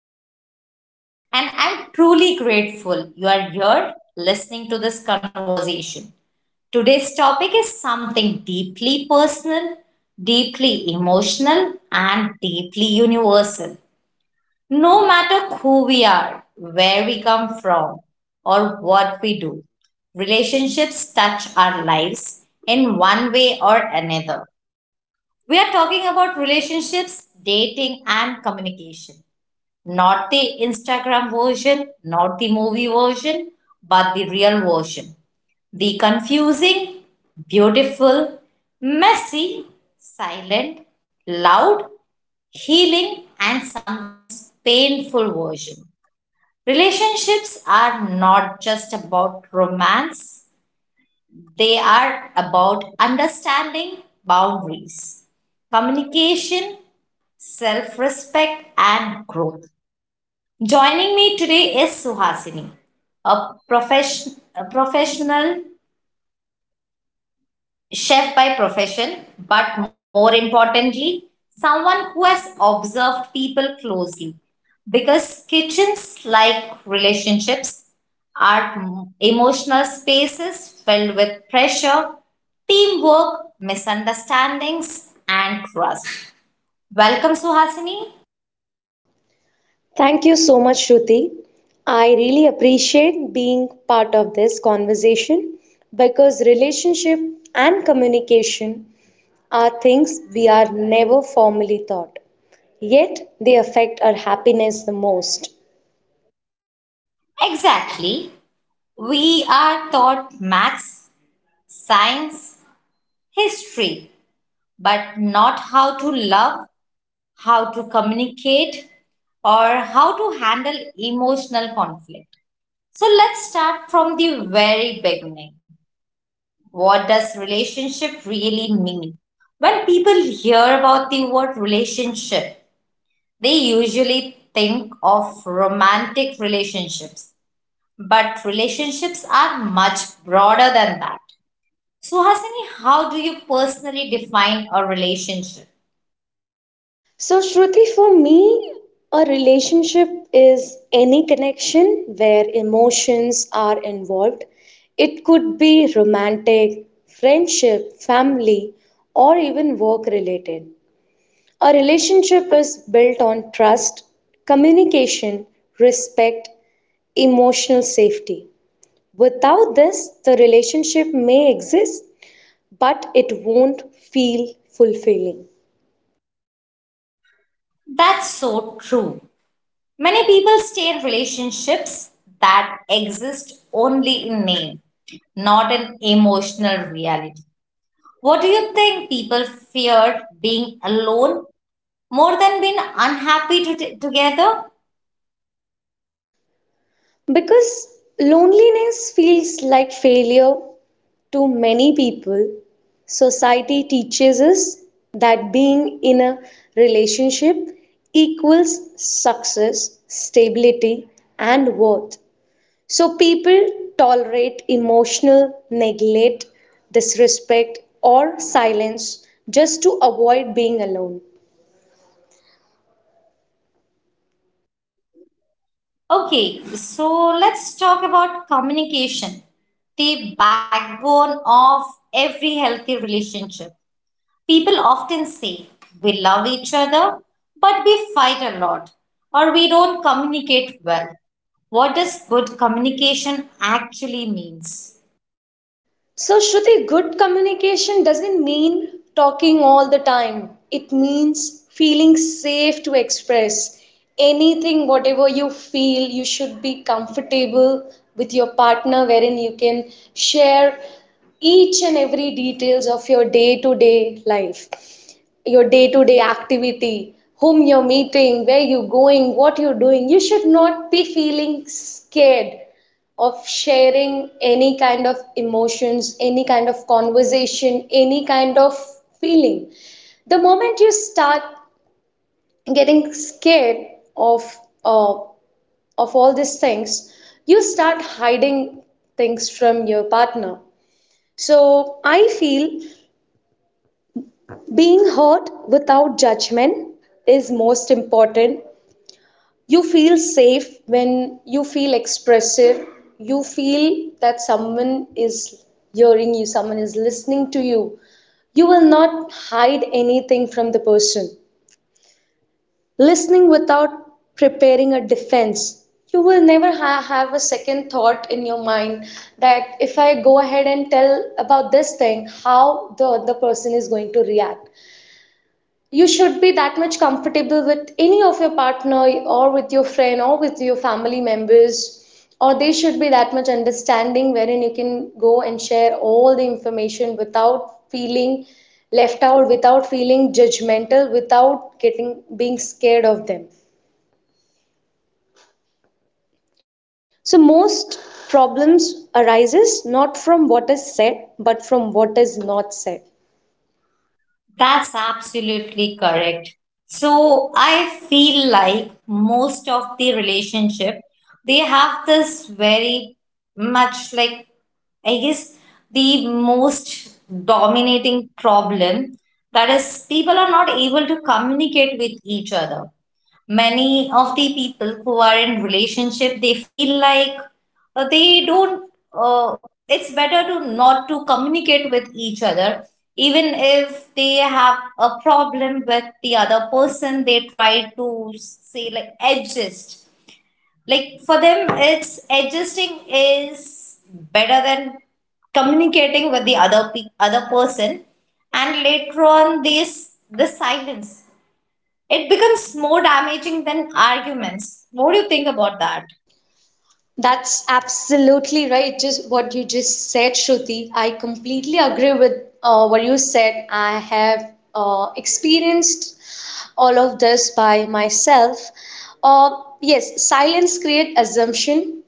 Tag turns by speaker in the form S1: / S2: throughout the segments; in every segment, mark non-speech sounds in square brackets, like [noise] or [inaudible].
S1: host, Shruti, and I'm truly grateful you are here listening to this conversation. Today's topic is something deeply personal, deeply emotional, and deeply universal. No matter who we are, where we come from, or what we do, relationships touch our lives in one way or another. We are talking about relationships, dating, and communication. Not the Instagram version, not the movie version, but the real version. The confusing, beautiful, messy, silent, loud, healing, and sometimes painful version. Relationships are not just about romance, they are about understanding boundaries, communication, self respect, and growth. Joining me today is Suhasini, a, a professional chef by profession, but more importantly, someone who has observed people closely. Because kitchens, like relationships, are emotional spaces filled with pressure, teamwork, misunderstandings, and trust. Welcome, Suhasini.
S2: Thank you so much, Shruti. I really appreciate being part of this conversation because relationship and communication are things we are never formally taught, yet they affect our happiness the most.
S1: Exactly. We are taught maths, science, history, but not how to love, how to communicate, or how to handle emotional conflict. So let's start from the very beginning. What does relationship really mean? When people hear about the word relationship, they usually think of romantic relationships. But relationships are much broader than that. So, Hasani, how do you personally define a relationship?
S2: So, Shruti, for me, a relationship is any connection where emotions are involved. It could be romantic, friendship, family, or even work related. A relationship is built on trust, communication, respect, emotional safety. Without this, the relationship may exist, but it won't feel fulfilling.
S1: That's so true. Many people stay in relationships that exist only in name, not in emotional reality. What do you think people fear being alone more than being unhappy together?
S2: Because loneliness feels like failure to many people, society teaches us that being in a relationship equals success, stability, and worth. So people tolerate emotional neglect, disrespect, or silence just to avoid being alone.
S1: Okay, so let's talk about communication, the backbone of every healthy relationship. People often say we love each other, but we fight a lot, or we don't communicate well. What does good communication actually means?
S2: So, Shruti, good communication doesn't mean talking all the time. It means feeling safe to express anything, whatever you feel. You should be comfortable with your partner, wherein you can share each and every details of your day to day life, your day to day activity, whom you're meeting, where you're going, what you're doing. You should not be feeling scared of sharing any kind of emotions, any kind of conversation, any kind of feeling. The moment you start getting scared of uh, of all these things, you start hiding things from your partner. So I feel being heard without judgment is most important. You feel safe when you feel expressive. You feel that someone is hearing you, someone is listening to you. You will not hide anything from the person. Listening without preparing a defense. You will never have a second thought in your mind that if I go ahead and tell about this thing, how the other person is going to react. You should be that much comfortable with any of your partner or with your friend or with your family members, or they should be that much understanding wherein you can go and share all the information without feeling left out, without feeling judgmental, without getting being scared of them. So most problems arises not from what is said but from what is not said.
S1: That's absolutely correct. So I feel like most of the relationship, they have this very much, like, I guess, the most dominating problem, that is people are not able to communicate with each other. Many of the people who are in relationship, they feel like, they don't it's better to not to communicate with each other. Even if they have a problem with the other person, they try to say like adjust. Like, for them, it's adjusting is better than communicating with the other person. And later on, this the silence, it becomes more damaging than arguments. What do you think about that?
S2: That's absolutely right. Just what you just said, Shruti. I completely agree with what you said. I have experienced all of this by myself. Yes, silence creates assumption,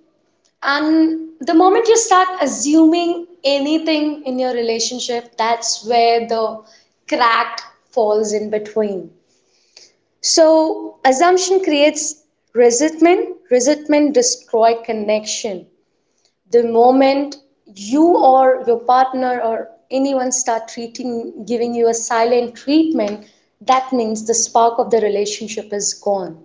S2: and the moment you start assuming anything in your relationship, that's where the crack falls in between. So assumption creates resentment. Resentment destroy connection. The moment you or your partner or anyone start treating giving you a silent treatment, that means the spark of the relationship is gone.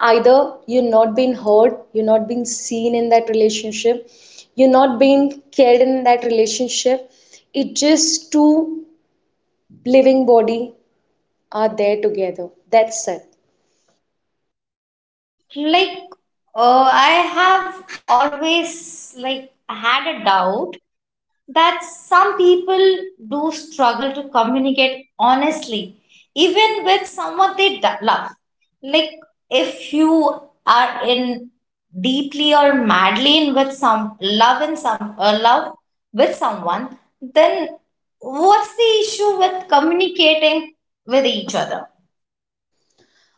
S2: Either you're not being heard, you're not being seen in that relationship, you're not being cared in that relationship. It just two living body are there together, that's it.
S1: Like, I have always like had a doubt that some people do struggle to communicate honestly, even with someone they love. Like, if you are in deeply or madly in with some love, in some love with someone, then what's the issue with communicating with each other?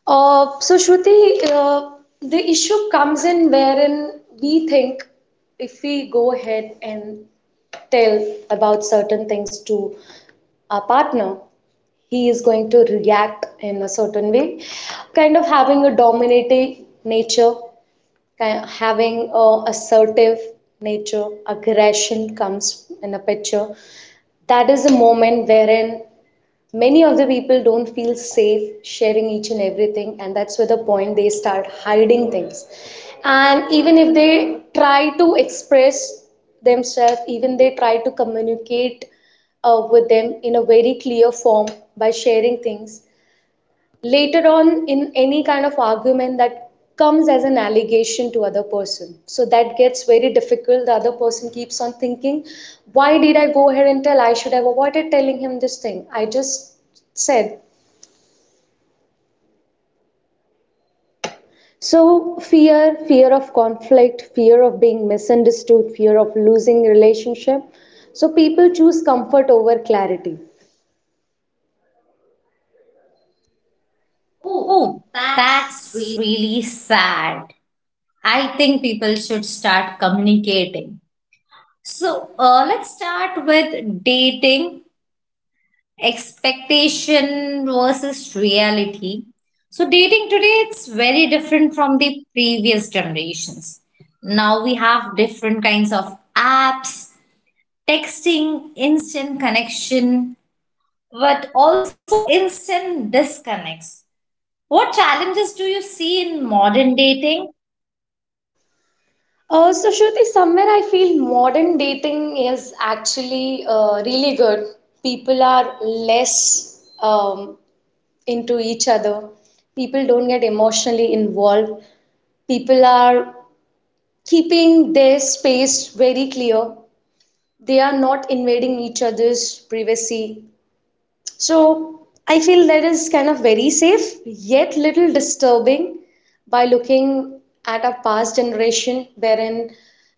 S2: So, Shruti, the issue comes in wherein we think if we go ahead and tell about certain things to our partner, he is going to react in a certain way, kind of having a dominating nature, having a assertive nature, aggression comes in a picture. That is a moment wherein many of the people don't feel safe sharing each and everything, and that's where the point they start hiding things. And even if they try to express themselves, even they try to communicate with them in a very clear form by sharing things, later on in any kind of argument that comes as an allegation to other person, so that gets very difficult. The other person keeps on thinking, why did I go ahead and tell, I should have avoided telling him this thing I just said. So fear of conflict, fear of being misunderstood, fear of losing relationship. So people choose comfort over clarity.
S1: Oh, that's really sad. I think people should start communicating. So let's start with dating, expectation versus reality. So dating today, it's very different from the previous generations. Now we have different kinds of apps, texting, instant connection, but also instant disconnects. What challenges do you see in modern dating?
S2: So, Shruti, somewhere I feel modern dating is actually really good. People are less into each other. People don't get emotionally involved. People are keeping their space very clear. They are not invading each other's privacy. So I feel that is kind of very safe, yet little disturbing by looking at our past generation, wherein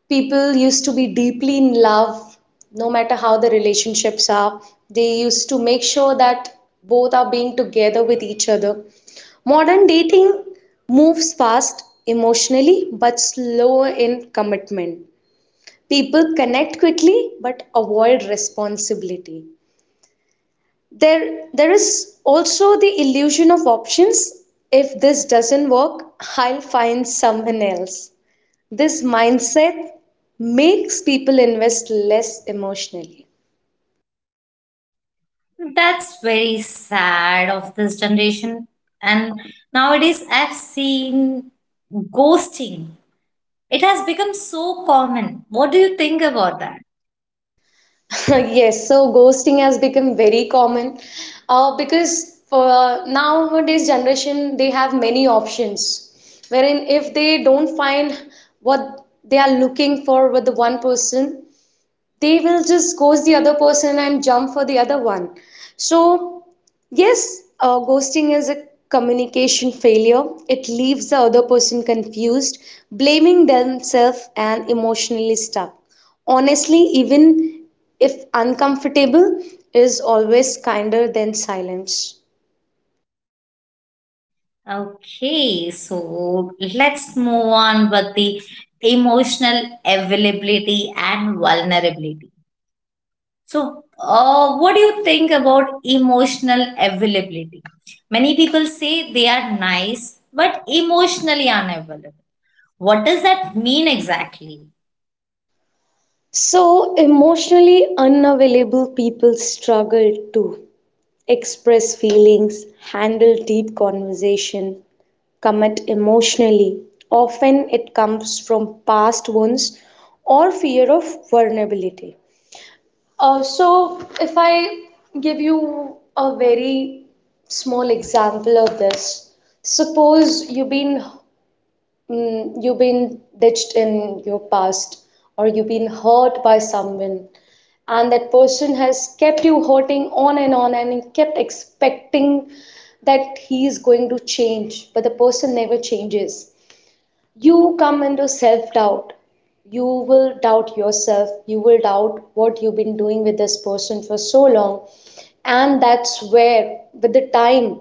S2: people used to be deeply in love, no matter how the relationships are. They used to make sure that both are being together with each other. Modern dating moves fast emotionally but slow in commitment. People connect quickly but avoid responsibility. There is also the illusion of options. If this doesn't work, I'll find someone else. This mindset makes people invest less emotionally.
S1: That's very sad of this generation. And nowadays, I've seen ghosting. It has become so common. What do you think about that?
S2: [laughs] Yes, so ghosting has become very common because for nowadays generation they have many options wherein if they don't find what they are looking for with the one person, they will just ghost the other person and jump for the other one. So, yes, ghosting is a communication failure. It leaves the other person confused, blaming themselves, and emotionally stuck. Honestly, even if uncomfortable, is always kinder than silence.
S1: Okay, so let's move on with the emotional availability and vulnerability. So, what do you think about emotional availability? Many people say they are nice but emotionally unavailable. What does that mean exactly?
S2: So, emotionally unavailable people struggle too express feelings, handle deep conversation, commit emotionally. Often it comes from past wounds or fear of vulnerability. So, if I give you a very small example of this, suppose you've been you've been ditched in your past, or you've been hurt by someone, and that person has kept you hurting on and kept expecting that he is going to change, but the person never changes. You come into self doubt. You will doubt yourself, you will doubt what you've been doing with this person for so long. And that's where with the time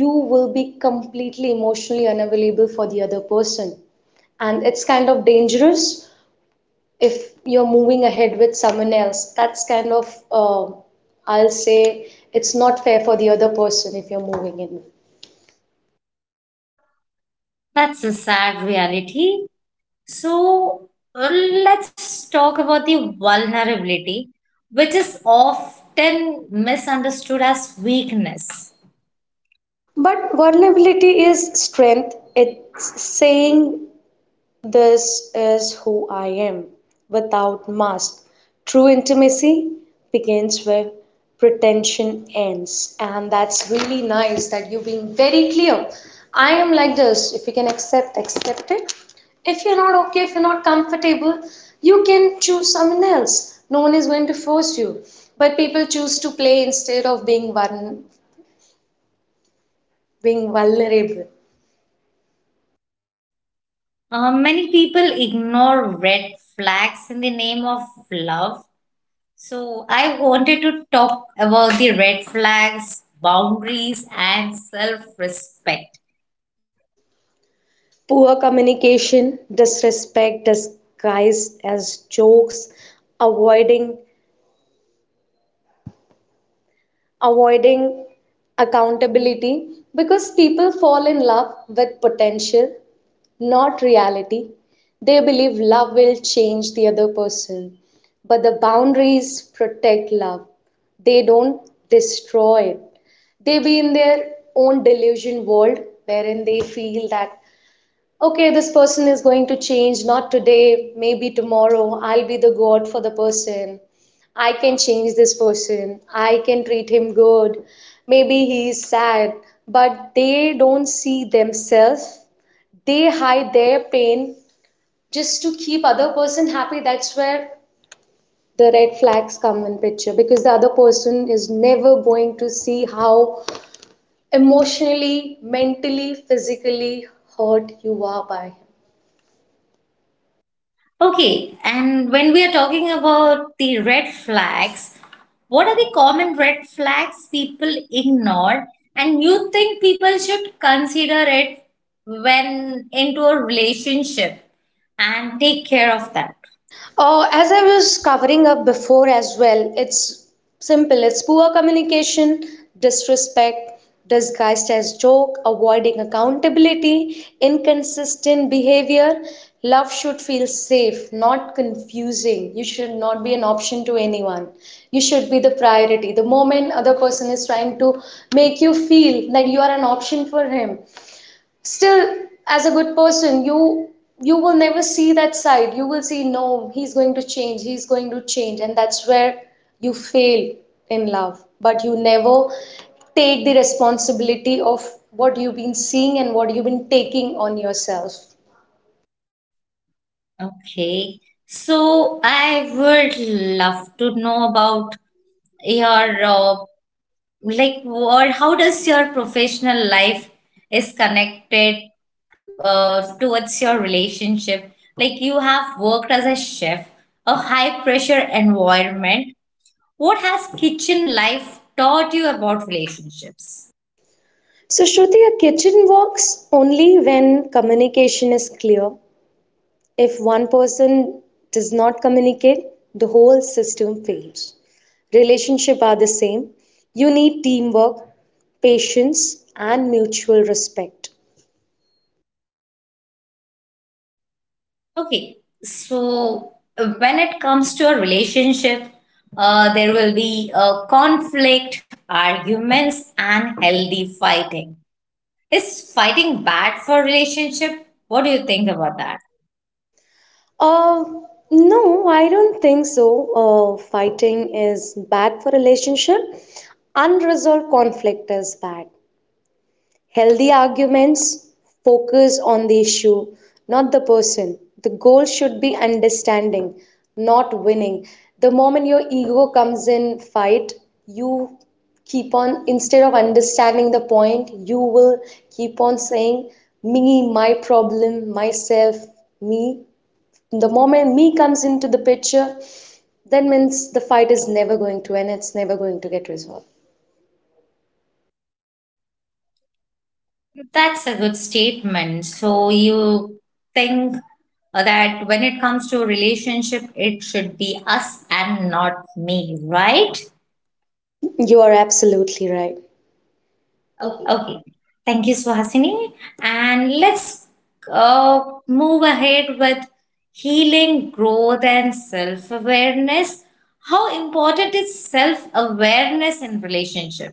S2: you will be completely emotionally unavailable for the other person. And it's kind of dangerous. If you're moving ahead with someone else, that's kind of uh, I'll say it's not fair for the other person if you're moving in.
S1: That's a sad reality. So let's talk about the vulnerability, which is often misunderstood as weakness.
S2: But vulnerability is strength. It's saying this is who I am, without mask. True intimacy begins where pretension ends. And that's really nice that you're being very clear. I am like this. If you can accept, accept it. If you're not okay, if you're not comfortable, you can choose someone else. No one is going to force you. But people choose to play instead of being, one, being vulnerable.
S1: Many people ignore red flags in the name of love. So I wanted to talk about the red flags, boundaries, and self respect.
S2: Poor communication, disrespect disguised as jokes, avoiding avoiding accountability, because people fall in love with potential, not reality. They believe love will change the other person, but the boundaries protect love. They don't destroy it. They be in their own delusion world wherein they feel that okay, this person is going to change, not today, maybe tomorrow. I'll be the God for the person. I can change this person. I can treat him good. Maybe he is sad, but they don't see themselves. They hide their pain just to keep other person happy. That's where the red flags come in picture, because the other person is never going to see how emotionally, mentally, physically hurt you are by him.
S1: Okay, and when we are talking about the red flags, what are the common red flags people ignore and you think people should consider it when into a relationship and take care of that?
S2: Oh, as I was covering up before as well, it's simple. It's poor communication, disrespect, disguised as joke, avoiding accountability, inconsistent behavior. Love should feel safe, not confusing. You should not be an option to anyone. You should be the priority. The moment other person is trying to make you feel that you are an option for him, still as a good person, you will never see that side. You will see no, he's going to change, he's going to change. And that's where you fail in love, but you never take the responsibility of what you've been seeing and what you've been taking on yourself.
S1: Okay, so I would love to know about your like what how does your professional life is connected towards your relationship, like, you have worked as a chef, a high pressure environment. What has kitchen life taught you about relationships?
S2: So, Shruti, a kitchen works only when communication is clear. If one person does not communicate, the whole system fails. Relationships are the same. You need teamwork, patience, and mutual respect.
S1: Okay, so when it comes to a relationship, there will be conflict, arguments, and healthy fighting. Is fighting bad for relationship? What do you think about that?
S2: Uh, no, I don't think so. Fighting is bad for relationship. Unresolved conflict is bad. Healthy arguments focus on the issue, not the person. The goal should be understanding, not winning. The moment your ego comes in fight, you keep on, instead of understanding the point, you will keep on saying me, my problem, myself, me. The moment me comes into the picture, that means the fight is never going to end, it's never going to get resolved.
S1: That's a good statement. So you think that when it comes to relationship, it should be us and not me, right?
S2: You are absolutely right.
S1: Okay. Thank you, Suhasini. And let's uh, move ahead with healing, growth, and self awareness. How important is self awareness in relationship?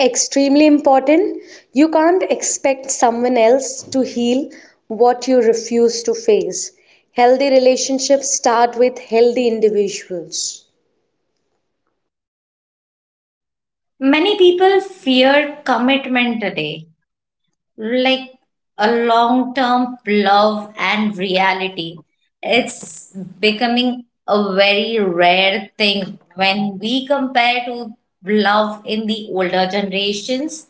S2: Extremely important. You can't expect someone else to heal what you refuse to face. Healthy relationships start with healthy individuals.
S1: Many people fear commitment today. Like, a long term love and reality. It's becoming a very rare thing when we compare to love in the older generations.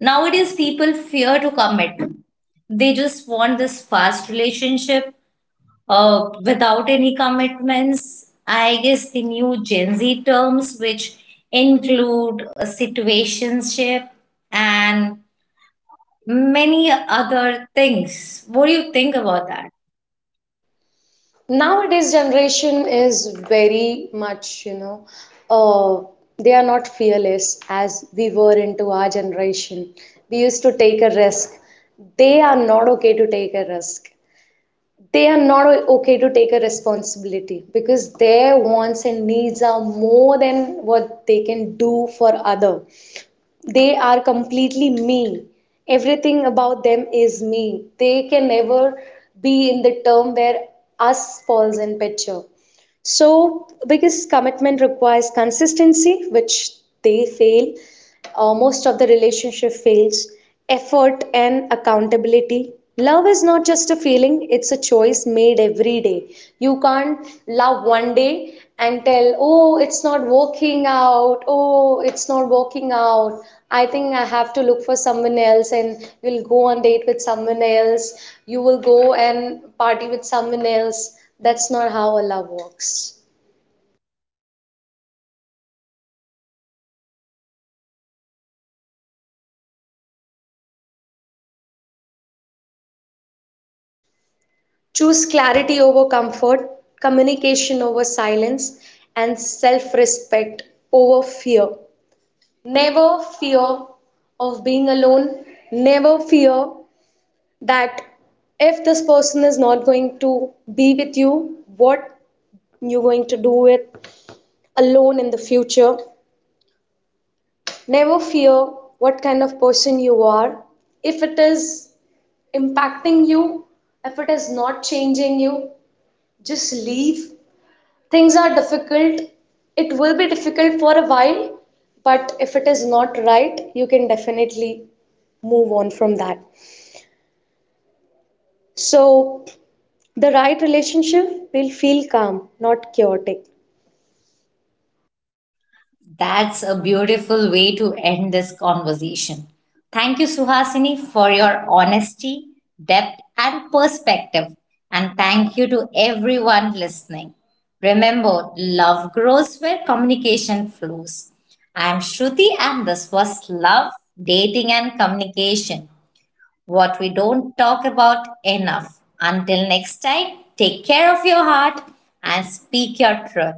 S1: Nowadays, people fear to commit, they just want this fast relationship without any commitments. I guess the new Gen Z terms, which include a situationship and many other things. What do you think about that?
S2: Nowadays, generation is very much, you know, uh, they are not fearless as we were into our generation. We used to take a risk. They are not okay to take a risk. They are not okay to take a responsibility, because their wants and needs are more than what they can do for other. They are completely me. Everything about them is me. They can never be in the term where us falls in picture. So because commitment requires consistency, which they fail, most of the relationship fails effort and accountability. Love is not just a feeling, it's a choice made every day. You can't love one day and tell oh it's not working out, oh it's not working out, I think I have to look for someone else, and you'll go on date with someone else, you will go and party with someone else. That's not how a love works.
S1: So, Hasini, if you had to leave listeners with one message about relationships, what would it be?
S2: Choose clarity over comfort, communication over silence, and self respect over fear. Never fear of being alone. Never fear that if this person is not going to be with you, what you're going to do it alone in the future. Never fear what kind of person you are. If it is impacting you, if it is not changing you, just leave. Things are difficult, it will be difficult for a while, but if it is not right, you can definitely move on from that. So, the right relationship will feel calm, not chaotic.
S1: That's a beautiful way to end this conversation. Thank you, Suhasini, for your honesty, depth, and perspective. And thank you to everyone listening. Remember, love grows where communication flows. I'm Shruti, and this was "Love, Dating, and Communication: What We Don't Talk About Enough." Until next time, take care of your heart and speak your truth.